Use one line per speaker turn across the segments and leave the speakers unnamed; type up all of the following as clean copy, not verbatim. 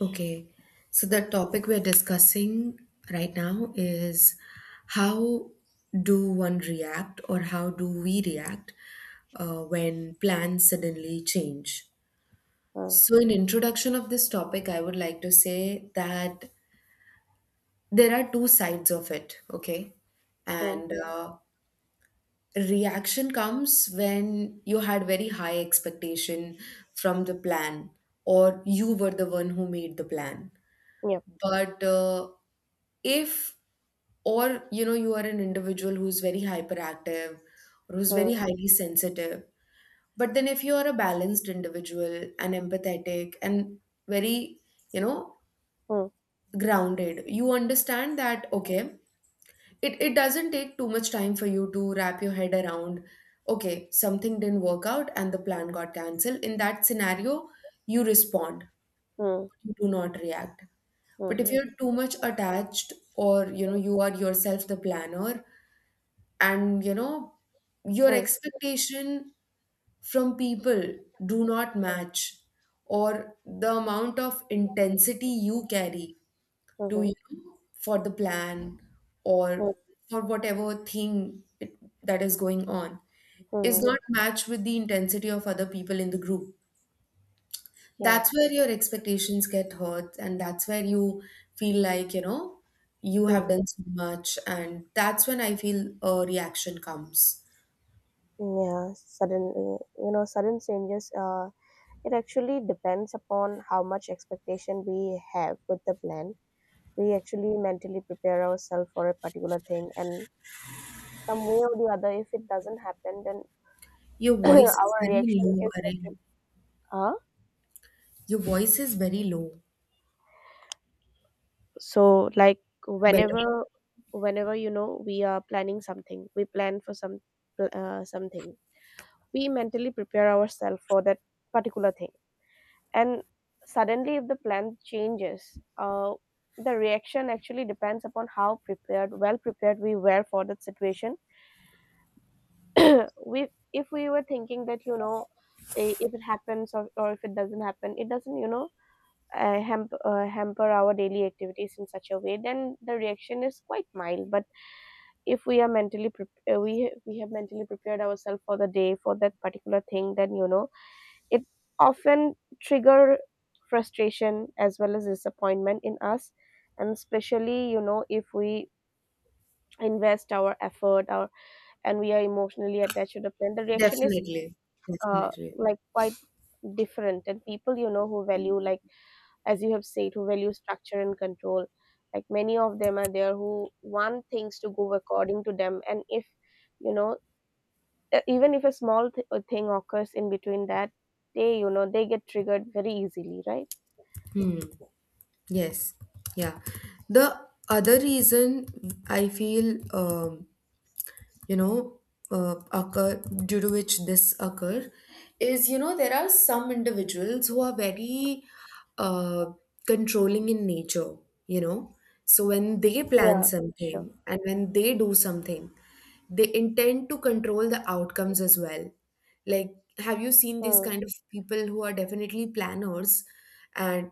Okay, so the
Mm,
topic we're discussing right now is how do one react or how do we react when plans suddenly change?
mm,
So, in introduction of this topic, I would like to say that there are two sides of it, okay?
mm.
And Reaction comes when you had very high expectation from the plan, or you were the one who made the plan.
Yep.
But If, or you know, you are an individual who's very hyperactive or who's
Mm,
very highly sensitive, but then if you are a balanced individual and empathetic and very, you know,
mm,
grounded, you understand that, okay, it doesn't take too much time for you to wrap your head around, okay, something didn't work out and the plan got cancelled. In that scenario, you respond,
mm,
you do not react. But if
mhm,
you're too much attached, or you know, you are yourself the planner, and you know, your
mm,
expectation from people do not match, or the amount of intensity you carry to,
mhm,
you know, for the plan or
mm,
for whatever thing that is going on is
mhm.
not matched with the intensity of other people in the group,
Yeah.
that's where your expectations get hurt, and that's where you feel like, you know, you have
Mhm.
done so much, and that's when I feel a reaction comes.
Yeah. Suddenly, sudden changes. It actually depends upon how much expectation we have with the plan. We actually mentally prepare ourselves for a particular thing, and some way or the other, if it doesn't happen, then
Your voice is
our
very
reaction
low,
is actually.
Arun.
Huh?
Your voice is very low.
So, like,
Better.
whenever whenever you know we are planning something, we plan for some something. We mentally prepare ourselves for that particular thing, and suddenly, if the plan changes, the reaction actually depends upon how prepared, well prepared we were for that situation. we If we were thinking that, you know, if it happens or if it doesn't happen, it doesn't, you know, hamper our daily activities in such a way, then the reaction is quite mild. But if we are mentally prep- we ha- we have mentally prepared ourselves for the day for that particular thing, then, you know, it often trigger frustration as well as disappointment in us. And especially, you know, if we invest our effort, our and we are emotionally attached to the plan, the reaction is
Definitely, definitely.
like, quite different. And people, you know, who value, like, as you have said, who value structure and control, like, many of them are there who want things to go according to them. And if, you know, even if a small thing occurs in between that, they, you know, they get triggered very easily, right?
Hmm. Yes. Yeah. The other reason I feel, you know, occur, due to which this occur, is, you know, there are some individuals who are very, uh, controlling in nature, you know. So when they plan
Yeah, sure.
something and when they do something, they intend to control the outcomes as well. Like, have you seen these
Hmm.
kind of people who are definitely planners, and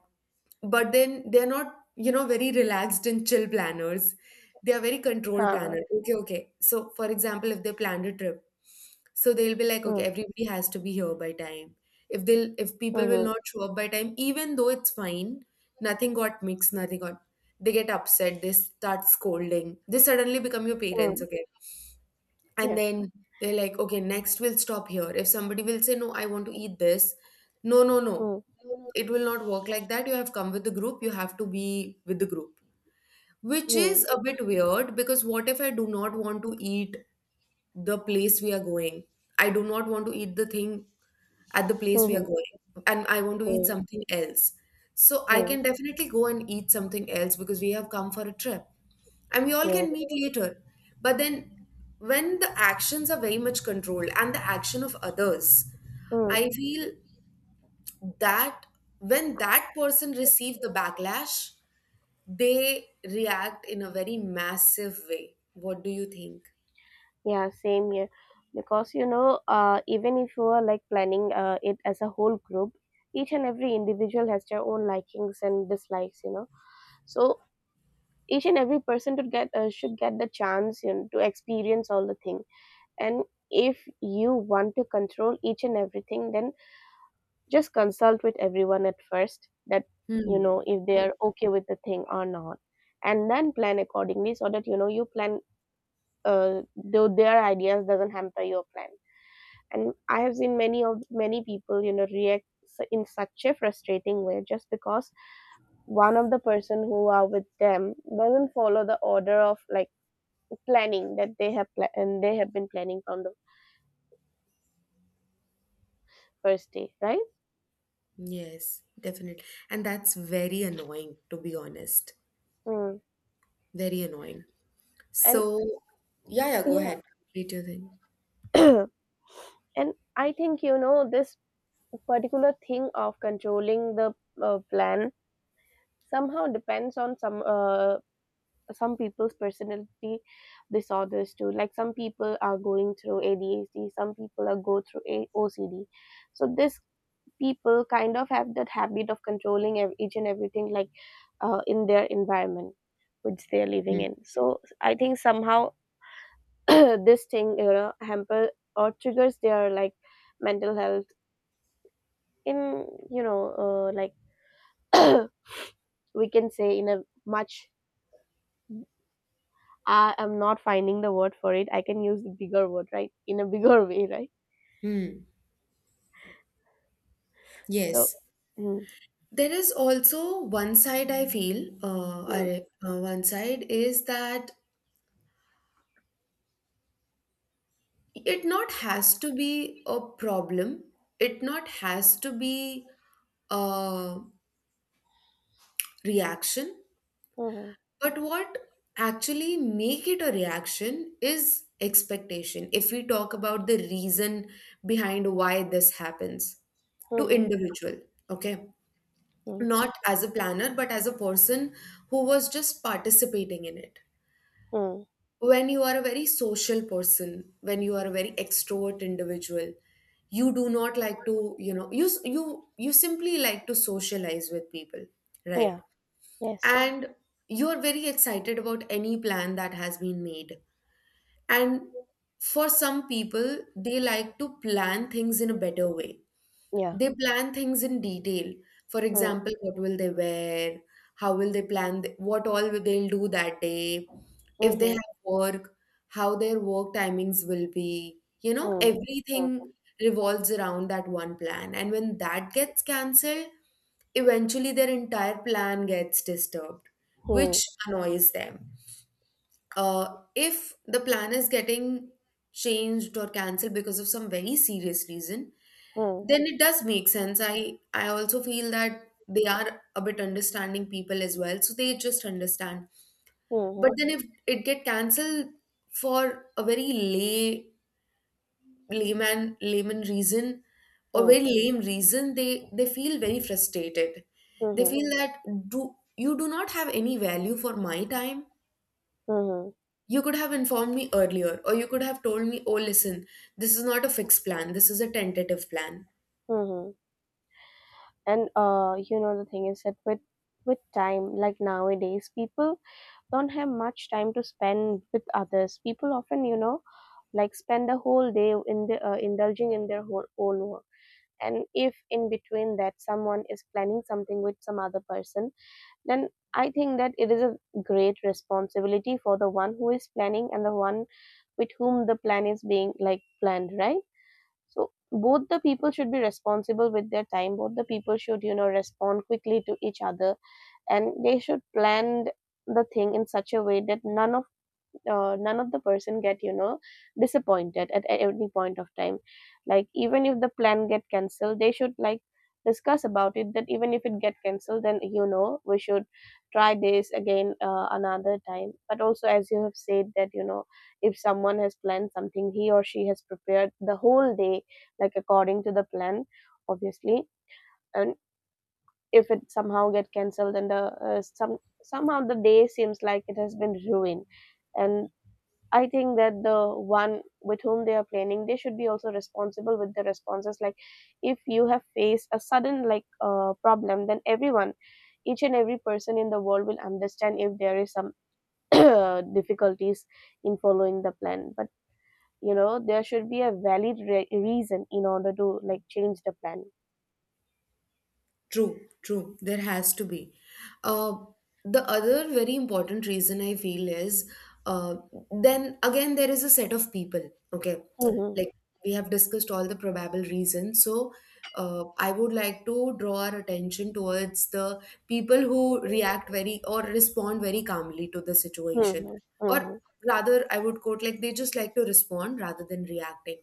but then they're not, you know, very relaxed and chill planners? They are very controlled
Huh.
planner. Okay, okay. So, for example, if they planned a trip, so they'll be like, okay,
Mm.
everybody has to be here by time. If they'll, if
Hmm.
people will
Mm-hmm.
not show up by time, even though it's fine, nothing got mixed, nothing got. They get upset. They start scolding. They suddenly become your
Hmm.
parents.
Mm.
Okay, and
Yes.
then they're like, okay, next we'll stop here. If somebody will say, no, I want to eat this. No, no, no.
Hmm.
It will not work like that. You have come with the group. You have to be with the group. Which is a
Hmm.
bit weird, because what if I do not want to eat the place we are going? I do not want to eat the thing at the place
Hmm.
we are
Hmm.
going, and I want to eat
Mm.
something else. So I
Mm.
can definitely go and eat something else, because we have come for a trip and we all
Yes.
can meet later. But then, when the actions are very much controlled and the action of others,
Hmm.
I feel that when that person receives the backlash, they react in a very massive way. What do you think?
Yeah, same here, because, you know, even if you are, like, planning it as a whole group, each and every individual has their own likings and dislikes, you know. So each and every person to get should get the chance, you know, to experience all the things. And if you want to control each and everything, then just consult with everyone at first that, you
Hmm.
know, if they are okay with the thing or not, and then plan accordingly, so that, you know, you plan though their ideas doesn't hamper your plan. And I have seen many of many people, you know, in such a frustrating way, just because one of the person who are with them doesn't follow the order of, like, planning that they have been planning from the first day, right?
Yes, definitely. And that's very annoying, to be honest.
Mm.
Very annoying.
And
So, yeah, yeah, go
yeah.
ahead. Complete your thing.
And I think, you know, this particular thing of controlling the plan somehow depends on some people's personality disorders too. Like, some people are going through ADHD, some people are go through OCD. So this people kind of have that habit of controlling each and everything, like, in their environment which they are living
Mm.
in. So I think somehow this thing, you know, hamper or triggers their, like, mental health in, you know, like, we can say, in a much, I am not finding the word for it, I can use the bigger word, right, in a bigger way, right?
Hmm.
So
Yes.
mm.
There is also one side I feel,
Mm.
one side is that it not has to be a problem. It not has to be a reaction.
Mhm.
But what actually make it a reaction is expectation. If we talk about the reason behind why this happens to
Mhm.
individual, okay?
Mhm.
Not as a planner, but as a person who was just participating in it.
Mhm.
When you are a very social person, when you are a very extrovert individual, you do not like to, you know, you simply like to socialize with people, right?
Yeah. Yes.
And you're very excited about any plan that has been made. And for some people, they like to plan things in a better way.
Yeah.
They plan things in detail. For
Mm.
example, what will they wear? How will they plan? What all will they'll do that day? If they
Mhm.
have work, how their work timings will be. You know,
Mhm.
everything revolves around that one plan. And when that gets cancelled, eventually, their entire plan gets disturbed,
Mhm.
which annoys them. If the plan is getting changed or cancelled because of some very serious reason,
Mhm.
then it does make sense. I also feel that they are a bit understanding people as well, so they just understand. But
Mhm.
then if it get cancelled for a very layman reason, or
Mhm.
very lame reason, they feel very frustrated. They
Mhm.
feel that, do you do not have any value for my time?
Mhm.
You could have informed me earlier, or you could have told me, oh listen, this is not a fixed plan, this is a tentative plan.
Mhm. And you know, the thing is that with time, like, nowadays people don't have much time to spend with others. People often, you know, like, spend the whole day in the indulging in their whole, own work. And if in between that someone is planning something with some other person, then I think that it is a great responsibility for the one who is planning and the one with whom the plan is being, like, planned, right? So both the people should be responsible with their time. Both the people should, you know, respond quickly to each other, and they should plan the thing in such a way that none of the person get, you know, disappointed at any point of time. Like, even if the plan get cancelled, they should, like, discuss about it, that even if it get cancelled, then, you know, we should try this again another time. But also, as you have said, that, you know, if someone has planned something, he or she has prepared the whole day, like, according to the plan, obviously, and if it somehow get cancelled, then the some, somehow the day seems like it has been ruined. And I think that the one with whom they are planning, they should be also responsible with the responses. Like, if you have faced a sudden, like, problem, then everyone, each and every person in the world will understand if there is some difficulties in following the plan. But, you know, there should be a valid reason in order to, like, change the plan.
True, true. There has to be. Uh, the other very important reason I feel is, uh, then again, there is a set of people. Okay.
Mhm.
Like, we have discussed all the probable reasons. So, I would like to draw our attention towards the people who react very or respond very calmly to the situation.
Mhm.
Or
Mhm.
rather, I would quote, like, they just like to respond rather than reacting.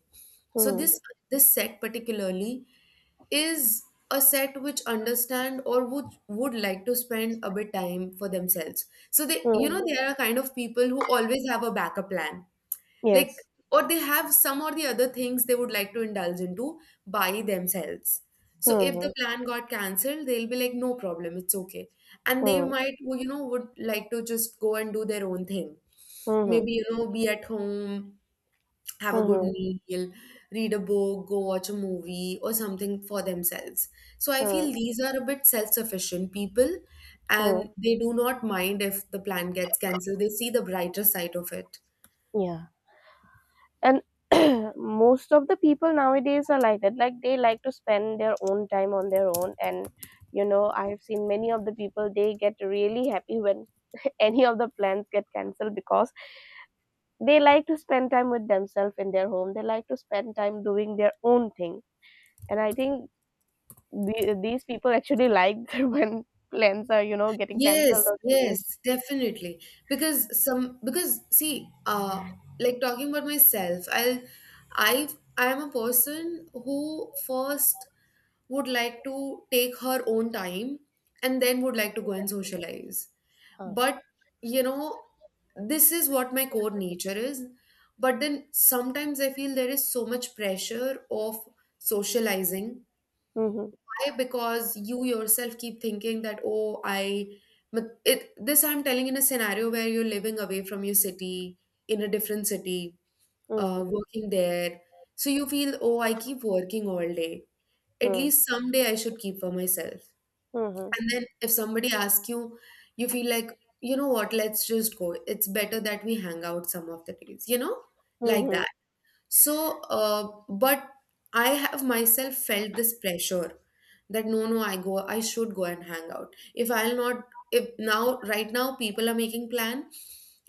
So
Mhm.
this set particularly is a set which understand, or would like to spend a bit time for themselves. So they, you know,
Mhm.
they are a kind of people who always have a backup plan. Like,
Yes.
or they have some or the other things they would like to indulge into by themselves. So if the
Mhm.
plan got cancelled, they'll be like, no problem, it's okay. And they
Mhm.
might, you know, would like to just go and do their own thing.
Mhm.
Maybe, you know, be at home, have a good
Mhm.
meal, read a book, go watch a movie, or something for themselves. So I feel
Mhm.
these are a bit self sufficient people,
Mhm.
and they do not mind if the plan gets cancelled. They see the brighter side of it.
Yeah. And most of the people nowadays are like that. Like, they like to spend their own time on their own, and, you know, I've seen many of the people, they get really happy when any of the plans get cancelled, because they like to spend time with themselves in their home, they like to spend time doing their own thing. And I think these people actually like when plans are, you know, getting cancelled
Yes,
or changed.
yes, definitely. Because some, because see, like talking about myself, I I am a person who first would like to take her own time and then would like to go and socialize.
Huh.
But, you know, this is what my core nature is. But then sometimes I feel there is so much pressure of socializing.
Hmm.
Why? Because you yourself keep thinking that, oh, I, but it this I'm telling in a scenario where you're living away from your city, in a different city,
Hmm.
working there. So you feel, oh, I keep working all day, at
Mm-hmm.
least someday I should keep for myself.
Hmm.
And then if somebody asks you, you feel like, you know what, let's just go. It's better that we hang out some of the days, you know, like
Hmm.
that. So, but I have myself felt this pressure, that no, no, I go, I should go and hang out. If I'll not, if now, right now, people are making plan.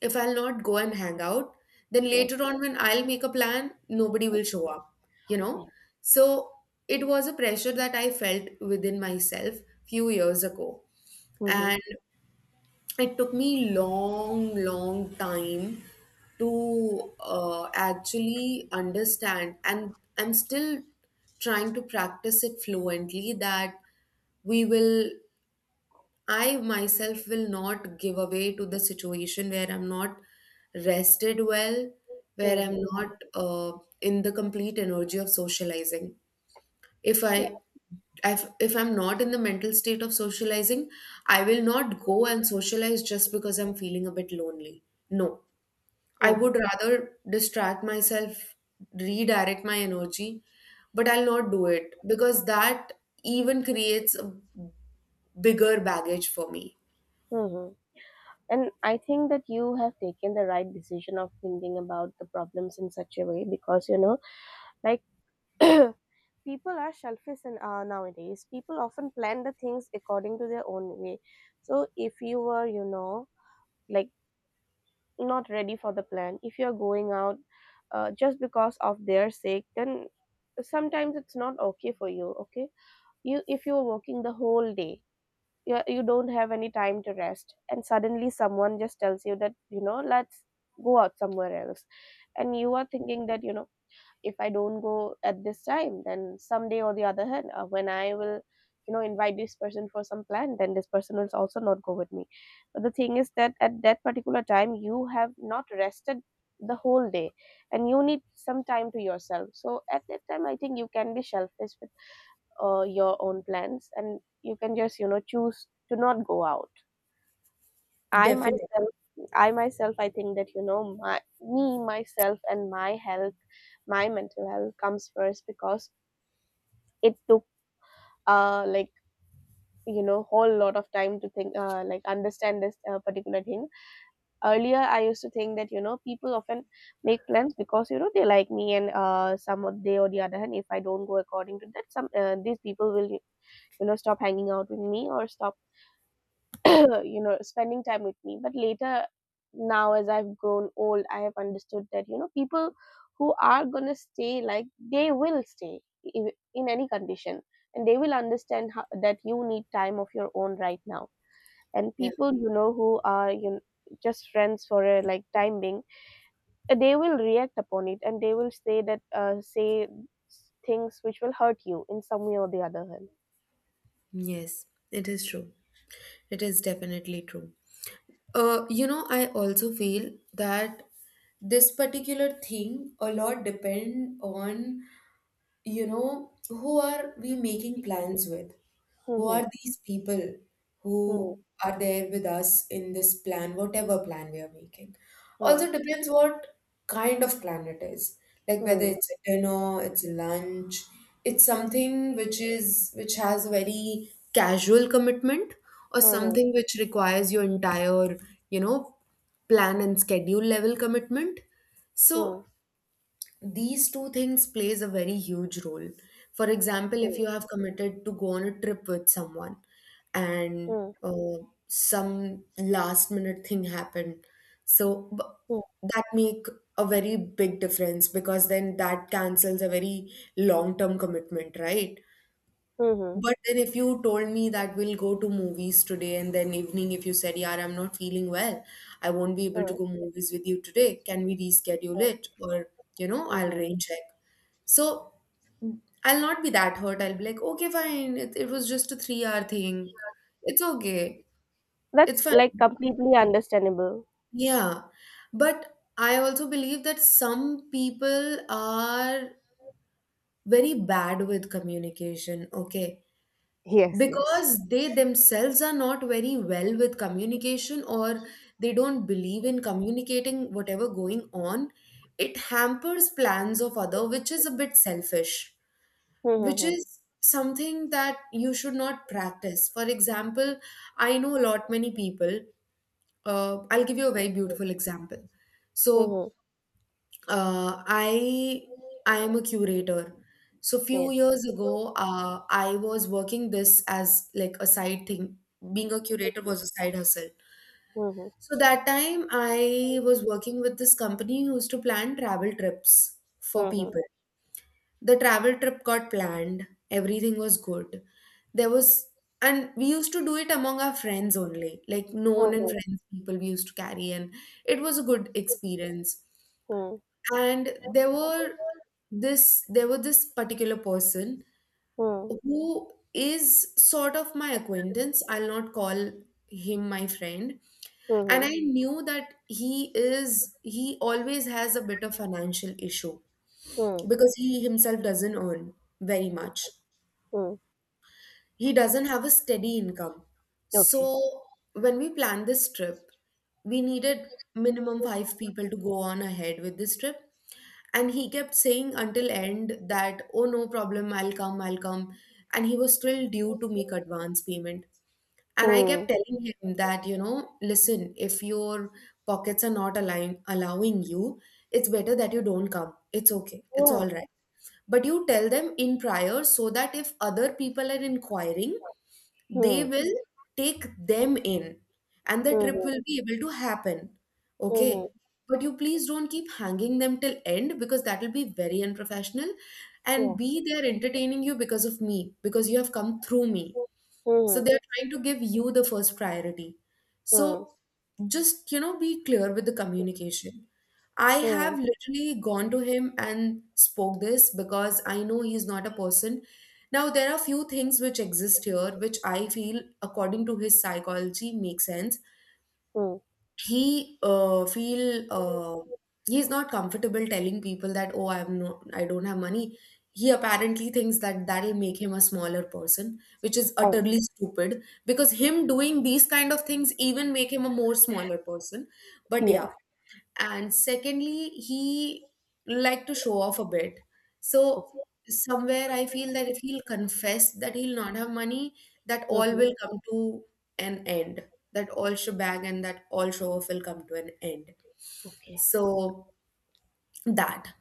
If I'll not go and hang out, then
Yes.
later on when I'll make a plan, nobody will show up, you
Yeah.
know? So it was a pressure that I felt within myself few years ago.
Hmm.
And it took me long long time to actually understand, and I'm still trying to practice it fluently, that we will, I myself will not give away to the situation where I'm not rested well, where I'm
Hmm.
not in the complete energy of socializing. if
Yeah.
i if I'm not in the mental state of socializing, I will not go and socialize just because I'm feeling a bit lonely. No, I
Hmm.
would rather distract myself, redirect my energy. But I'll not do it, because that even creates a bigger baggage for me.
Hmm. And I think that you have taken the right decision of thinking about the problems in such a way, because, you know, like, people are selfish, and, nowadays. People often plan the things according to their own way. So if you were, you know, like, not ready for the plan, if you're going out just because of their sake, then sometimes it's not okay for you, okay? You, if you're working the whole day, you don't have any time to rest, and suddenly someone just tells you that, you know, let's go out somewhere else. And you are thinking that, you know, if I don't go at this time, then someday or the other hand, when I will, you know, invite this person for some plan, then this person will also not go with me. But the thing is that at that particular time, you have not rested the whole day, and you need some time to yourself. So at that time, I think you can be selfish, your own plans, and you can just, you know, choose to not go out. i
Definitely.
myself I myself, I think that, you know, my me, myself and my health, my mental health comes first, because it took like, you know, whole lot of time to think, like, understand this particular thing. Earlier I used to think that, you know, people often make plans because, you know, they like me, and uh, some of they or the other hand, if I don't go according to that, some these people will, you know, stop hanging out with me or stop you know, spending time with me. But later, now as I've grown old, I have understood that, you know, people who are going to stay, like, they will stay in any condition, and they will understand how, that you need time of your own right now. And
Yeah.
people, you know, who are, you know, just friends for, a like, time being, they will react upon it, and they will say that, say things which will hurt you in some way or the other hand.
Yes, it is true. It is definitely true. You know, I also feel that this particular thing a lot depend on, you know, who are we making plans with? Who are
Hmm,
these people
hmm,
who are there with us in this plan, whatever plan we are making?
hmm,
Also depends what kind of plan it is. Like, whether
hmm,
it's a dinner, it's a lunch, it's something which is which has a very casual commitment, or
hmm, hmm,
something which requires your entire, you know, plan and schedule level commitment.
hmm,
So these two things plays a very huge role. For example,
hmm,
if
hmm,
you have committed to go on a trip with someone, and
hmm.
uh, some last minute thing happened, so b-
Mm,
that make a very big difference, because then that cancels a very long term commitment, right?
mhm,
But then if you told me that we'll go to movies today, and then evening if you said, "Yeah, I'm not feeling well. I won't be able to
mm,
go movies with you today. Can we reschedule
mm,
it?" Or, you know, I'll
mhm.
rain check. So I'll not be that hurt. I'll be like, okay, fine. It was just a 3 hour thing. It's okay. It's
That's
fine.
like completely understandable.
Yeah. But I also believe that some people are very bad with communication. Okay.
Yes, yes.
Because they themselves are not very well with communication, or they don't believe in communicating whatever going on. It hampers plans of other, which is a bit selfish, which
Mm-hmm.
is something that you should not practice. For example, I know a lot many people. I'll give you a very beautiful example. so
Mm-hmm.
I am a curator. So few
Yes.
years ago, I was working this as like a side thing. Being a curator was a side hustle.
Mm-hmm.
So that time I was working with this company who used to plan travel trips for
Mm-hmm.
people. The travel trip got planned. Everything was good. There was, and we used to do it among our friends only, like known and
Mm-hmm.
friends people we used to carry, and it was a good experience. And there were this particular person
Mm-hmm.
who is sort of my acquaintance. I'll not call him my friend. And
Mm-hmm.
I knew that he always has a bit of financial issue because he himself doesn't earn very much.
Mm-hmm.
He doesn't have a steady income. So
Okay.
when we planned this trip, we needed minimum 5 people to go on ahead with this trip. And he kept saying until end that, oh, no problem, I'll come, I'll come. And he was still due to make advance payment. And I kept
Mm.
telling him that, you know, listen, if your pockets are not align allowing you, it's better that you don't come. It's okay, it's
Yeah.
all right. But you tell them in prior so that if other people are inquiring, they
Mm.
will take them in and the trip
Mm-hmm.
will be able to happen.
Mm-hmm.
Okay? But you please don't keep hanging them till end, because that will be very unprofessional. And
Yeah.
be there entertaining you because of me, because you have come through me. So
Mm-hmm.
they are trying to give you the first priority.
Mm.
So just, you know, be clear with the communication. I have
Mm.
literally gone to him and spoke this because I know he's not a person. Now, there are few things which exist here, which I feel, according to his psychology, make sense.
Mm.
he uh, feel uh, he's not comfortable telling people that, oh, I don't have money. He apparently thinks that that'll make him a smaller person, which is
Oh.
utterly stupid, because him doing these kind of things even make him a more smaller person. But yeah.
Yes.
And secondly, he like to show off a bit. So
Okay.
somewhere I feel that if he'll confess that he'll not have money, that all
Mm-hmm.
will come to an end. That all shebang and that all show off will come to an end.
Okay.
So that,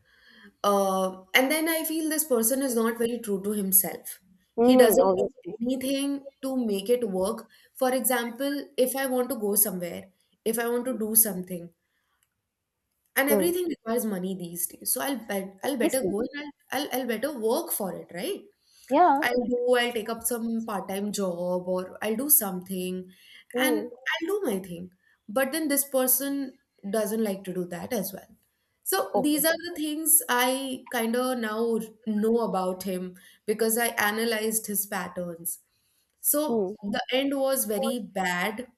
and then I feel this person is not very true to himself. He
Mm-hmm.
doesn't do
Obviously.
anything to make it work. For example, if I want to go somewhere, if I want to do something, and
Mm.
everything requires money these days, so I'll better
Obviously.
go and I'll better work for it, right?
Yeah.
I'll do, I'll take up some part-time job, or I'll do something. And
Mm.
I'll do my thing. But then this person doesn't like to do that as well. So
Okay.
these are the things I kind of now know about him, because I analyzed his patterns. So
Mm.
the end was very bad.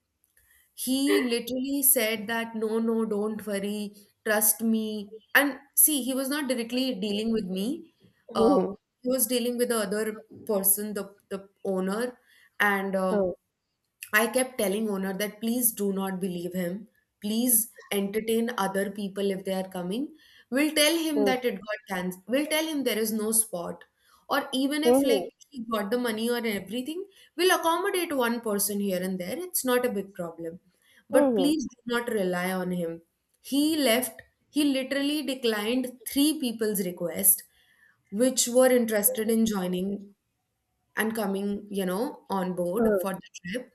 He literally said that, no, no, don't worry, trust me. And see, he was not directly dealing with me. Um,
Mhm.
he was dealing with the other person, the owner. And
Mm.
I kept telling owner that please do not believe him. Please entertain other people if they are coming. We'll tell him
Mm.
that it got cancelled. We'll tell him there is no spot. Or even if like
Mhm.
he got the money or everything, we'll accommodate one person here and there. It's not a big problem. But
Mhm.
please do not rely on him. He left, he literally declined three people's request which were interested in joining and coming, you know, on board
Mm.
for the trip.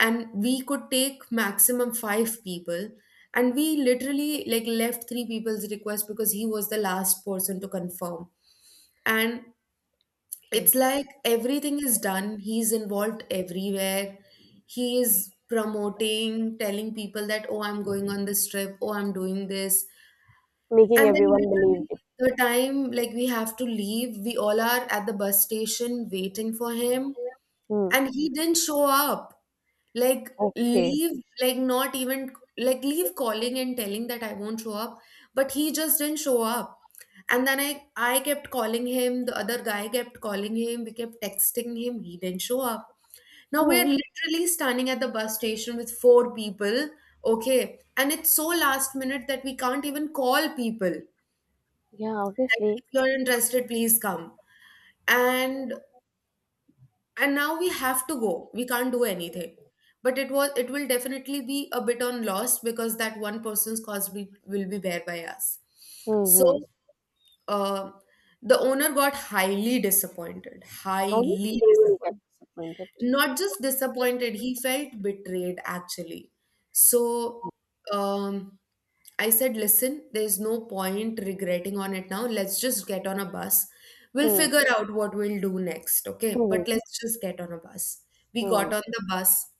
And we could take maximum five people, and we literally like left three people's request because he was the last person to confirm. And it's
Okay.
like everything is done, he's involved everywhere. He is promoting, telling people that, oh, I'm going on this trip, oh, I'm doing this.
Making
And then
everyone believe
literally
it.
the time like we have to leave, we all are at the bus station waiting for him.
Mm.
And he didn't show up. Like
Okay.
leave, like not even like leave calling and telling that I won't show up. But he just didn't show up. And then I kept calling him, the other guy kept calling him, we kept texting him, he didn't show up. Now we
Mm.
are literally standing at the bus station with four people, okay? And it's so last minute that we can't even call people
Yeah,
that
obviously.
if you're interested please come. and and now we have to go, we can't do anything. But it was, it will definitely be a bit on loss, because that one person's cost will be bear by us. So,
Mm-hmm.
uh, the owner got highly disappointed,
Obviously,
highly
they will get
disappointed.
disappointed.
Not just disappointed, he felt betrayed actually. So, um I said, listen, there's no point regretting on it now. Let's just get on a bus. We'll
Mm.
figure out what we'll do next, okay?
Mm.
But let's just get on a bus. We
Mm.
got on the bus,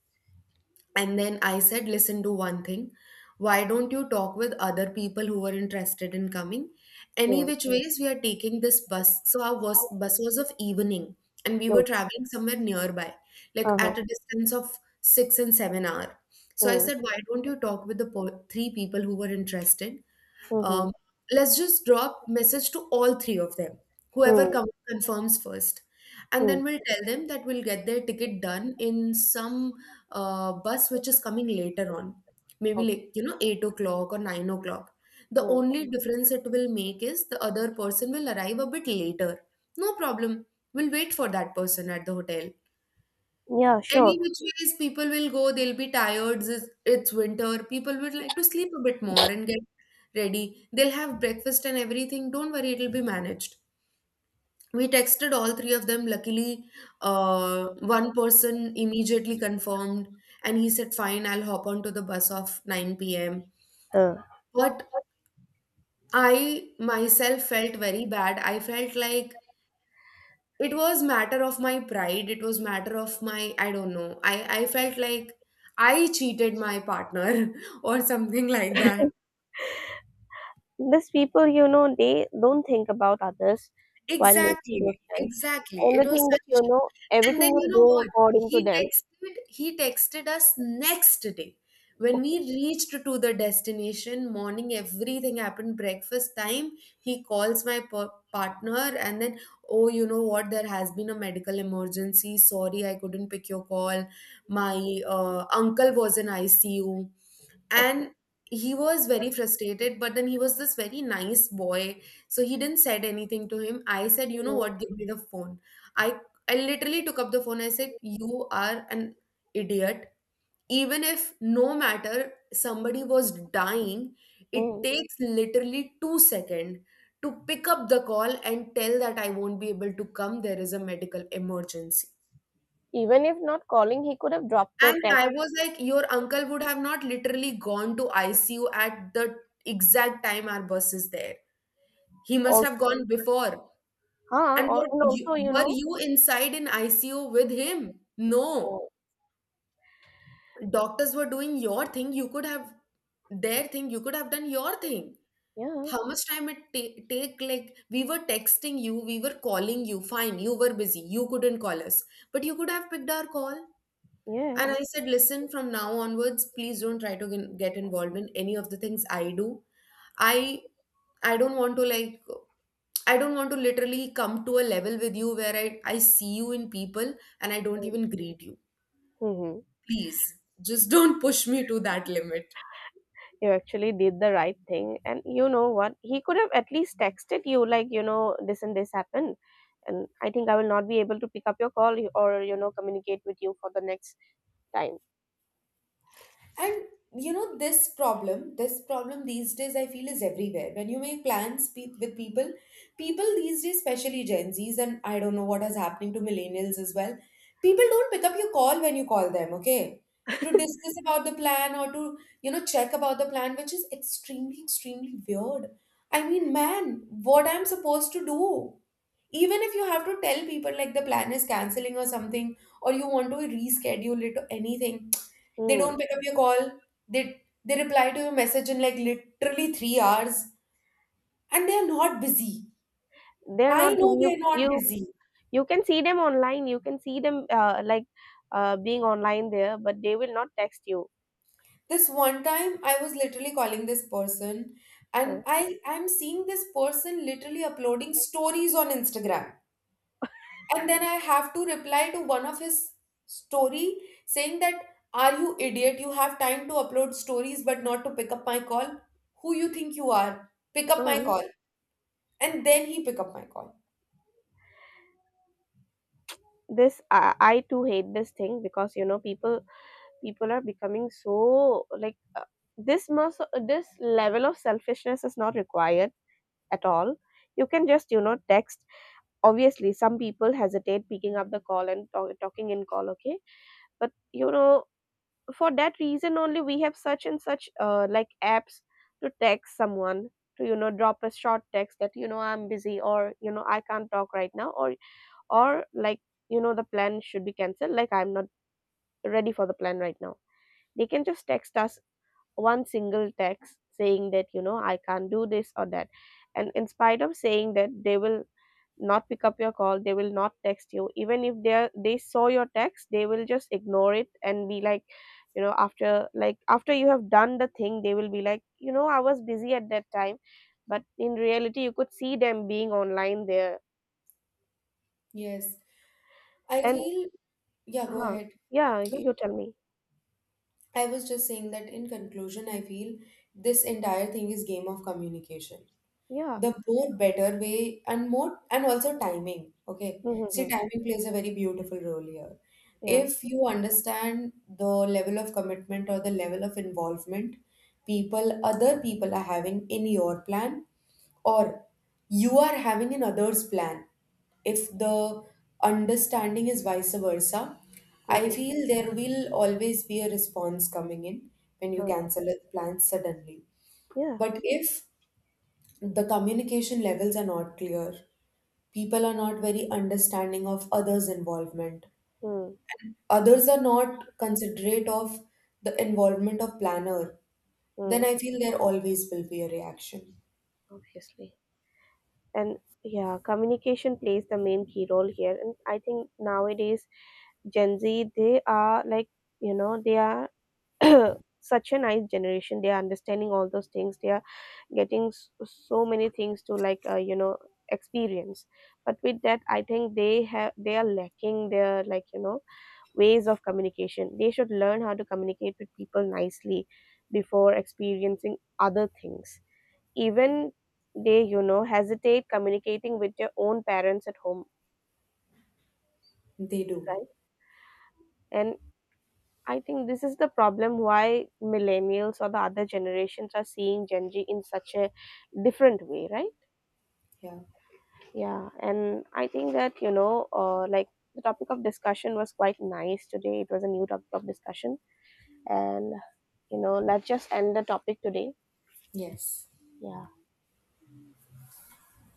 and then I said, listen, do one thing. Why don't you talk with other people who were interested in coming? Any
Mm.
which ways, we are taking this bus. So our bus was of evening, and we were
No.
traveling somewhere nearby, like
Uh-huh.
at a distance of 6 and 7 hour. So I
Mm.
said, why don't you talk with the three people who were interested?
Mm-hmm.
Um, let's just drop message to all three of them, whoever
Mm.
confirms first. And
Mm.
then we'll tell them that we'll get their ticket done in some bus which is coming later on, maybe like, you know, 8 o'clock or 9 o'clock. The
Okay.
only difference it will make is the other person will arrive a bit later. No problem. We'll wait for that person at the hotel.
Yeah,
Any
sure.
which ways people will go, they'll be tired, it's winter. People would like to sleep a bit more and get ready. They'll have breakfast and everything. Don't worry, it'll be managed. We texted all three of them. Luckily, one person immediately confirmed and he said, fine, I'll hop onto the bus of 9 p.m.
Uh,
But I myself felt very bad. I felt like it was matter of my pride, it was matter of my, I don't know, I felt like I cheated my partner or something like that.
These people, you know, they don't think about others while making those
Exactly,
plans.
exactly.
And
It
the
was
thing that,
such a
you know,
shame. And
everything
then you
will
know
go
what?
according to them.
He texted us next day. When
Okay,
we reached to the destination, morning, everything happened, breakfast time, he calls my partner and then, oh, you know what, there has been a medical emergency. Sorry, I couldn't pick your call. My uncle was in ICU.
okay.
And he was very frustrated, but then he was this very nice boy, so he didn't said anything to him. I said, you know
Mm,
what, give me the phone. I i literally took up the phone. I said, you are an idiot. Even if no matter somebody was dying, it
mm.
takes literally 2 seconds to pick up the call and tell that I won't be able to come, there is a medical emergency.
Even if not calling, he could have dropped the
And
text
I was like, your uncle would have not literally gone to ICU at the exact time our bus is there. He must have
also.
gone before.
Huh?
And what
And
you,
also, you
were
know,
you inside in ICU with him? No.
oh,
Doctors were doing your thing. You could have their thing. You could have done your thing.
yeah,
How much time it take? Like we were texting you, we were calling you. Fine, you were busy. You couldn't call us, but you could have picked our call. And I
yes.
said, listen, from now onwards, please don't try to get involved in any of the things I do. I I don't want to like, I don't want to literally come to a level with you where I see you in people and I don't even greet you.
Mm-hmm.
Please, just don't push me to that limit.
You actually did the right thing. And you know what? He could have at least texted you, like, you know, this and this happened. And I think I will not be able to pick up your call or, you know, communicate with you for the next time.
And you know, this problem these days I feel is everywhere. When you make plans with people, people these days, especially Gen Zs, and I don't know what is happening to millennials as well, people don't pick up your call when you call them, okay? To discuss about the plan or to, you know, check about the plan, which is extremely, extremely weird. I mean, man, what I'm supposed to do? Even if you have to tell people like the plan is canceling or something, or you want to reschedule it or anything, they
Mm.
don't pick up your call. They reply to your message in like literally 3 hours, and they are not busy.
They're
I
not the
know they are not busy.
you can see them online. You can see them like, being online there, but they will not text you.
This one time, I was literally calling this person, and I'm seeing this person literally uploading stories on Instagram, and then I have to reply to one of his story saying that, are you idiot? You have time to upload stories, but not to pick up my call. Who you think you are? Pick up my
Uh-huh.
call. And then he pick up my call.
This, I too hate this thing, because, you know, people, people are becoming so, like, this must, this level of selfishness is not required at all. You can just, you know, text. Obviously, some people hesitate picking up the call and talk, talking in call. Okay, but you know, for that reason only we have such and such like, apps to text someone, to, you know, drop a short text that, you know, I'm busy, or, you know, I can't talk right now, or, like, you know, the plan should be cancelled, like, I'm not ready for the plan right now. They can just text us one single text saying that, you know, I can't do this or that. And in spite of saying that, they will not pick up your call, they will not text you, even if they are, they saw your text, they will just ignore it and be like, you know, after, like, after you have done the thing, they will be like, you know, I was busy at that time. But in reality, you could see them being online there.
Yes. I
And
feel, yeah, go
huh,
ahead.
yeah,
Go.
you tell me.
I was just saying that in conclusion, I feel this entire thing is game of communication.
Yeah.
The more better way and more, and also timing. Okay, see,
Mm-hmm.
timing plays a very beautiful role here.
Yeah.
If you understand the level of commitment or the level of involvement people other people are having in your plan, or you are having in others plan, if the understanding is vice versa, I
Mm-hmm.
feel there will always be a response coming in when you
Huh.
cancel a plan suddenly.
Yeah.
But if the communication levels are not clear, people are not very understanding of others' involvement,
Mm,
others are not considerate of the involvement of planner, then
mm,
I feel there always will be a reaction.
obviously. And yeah, communication plays the main key role here. And I think nowadays Gen Z, they are, like, you know, they are such a nice generation. They are understanding all those things. They are getting s- so many things to, like, you know, experience. But with that, I think they have, they are lacking their, like, you know, ways of communication. They should learn how to communicate with people nicely before experiencing other things. Even they, you know, hesitate communicating with their own parents at home,
They do.
right? And I think this is the problem why millennials or the other generations are seeing Gen Z in such a different way, right?
Yeah.
Yeah. And I think that, you know, like, the topic of discussion was quite nice today. It was a new topic of discussion. And, you know, let's just end the topic today.
Yes.
Yeah.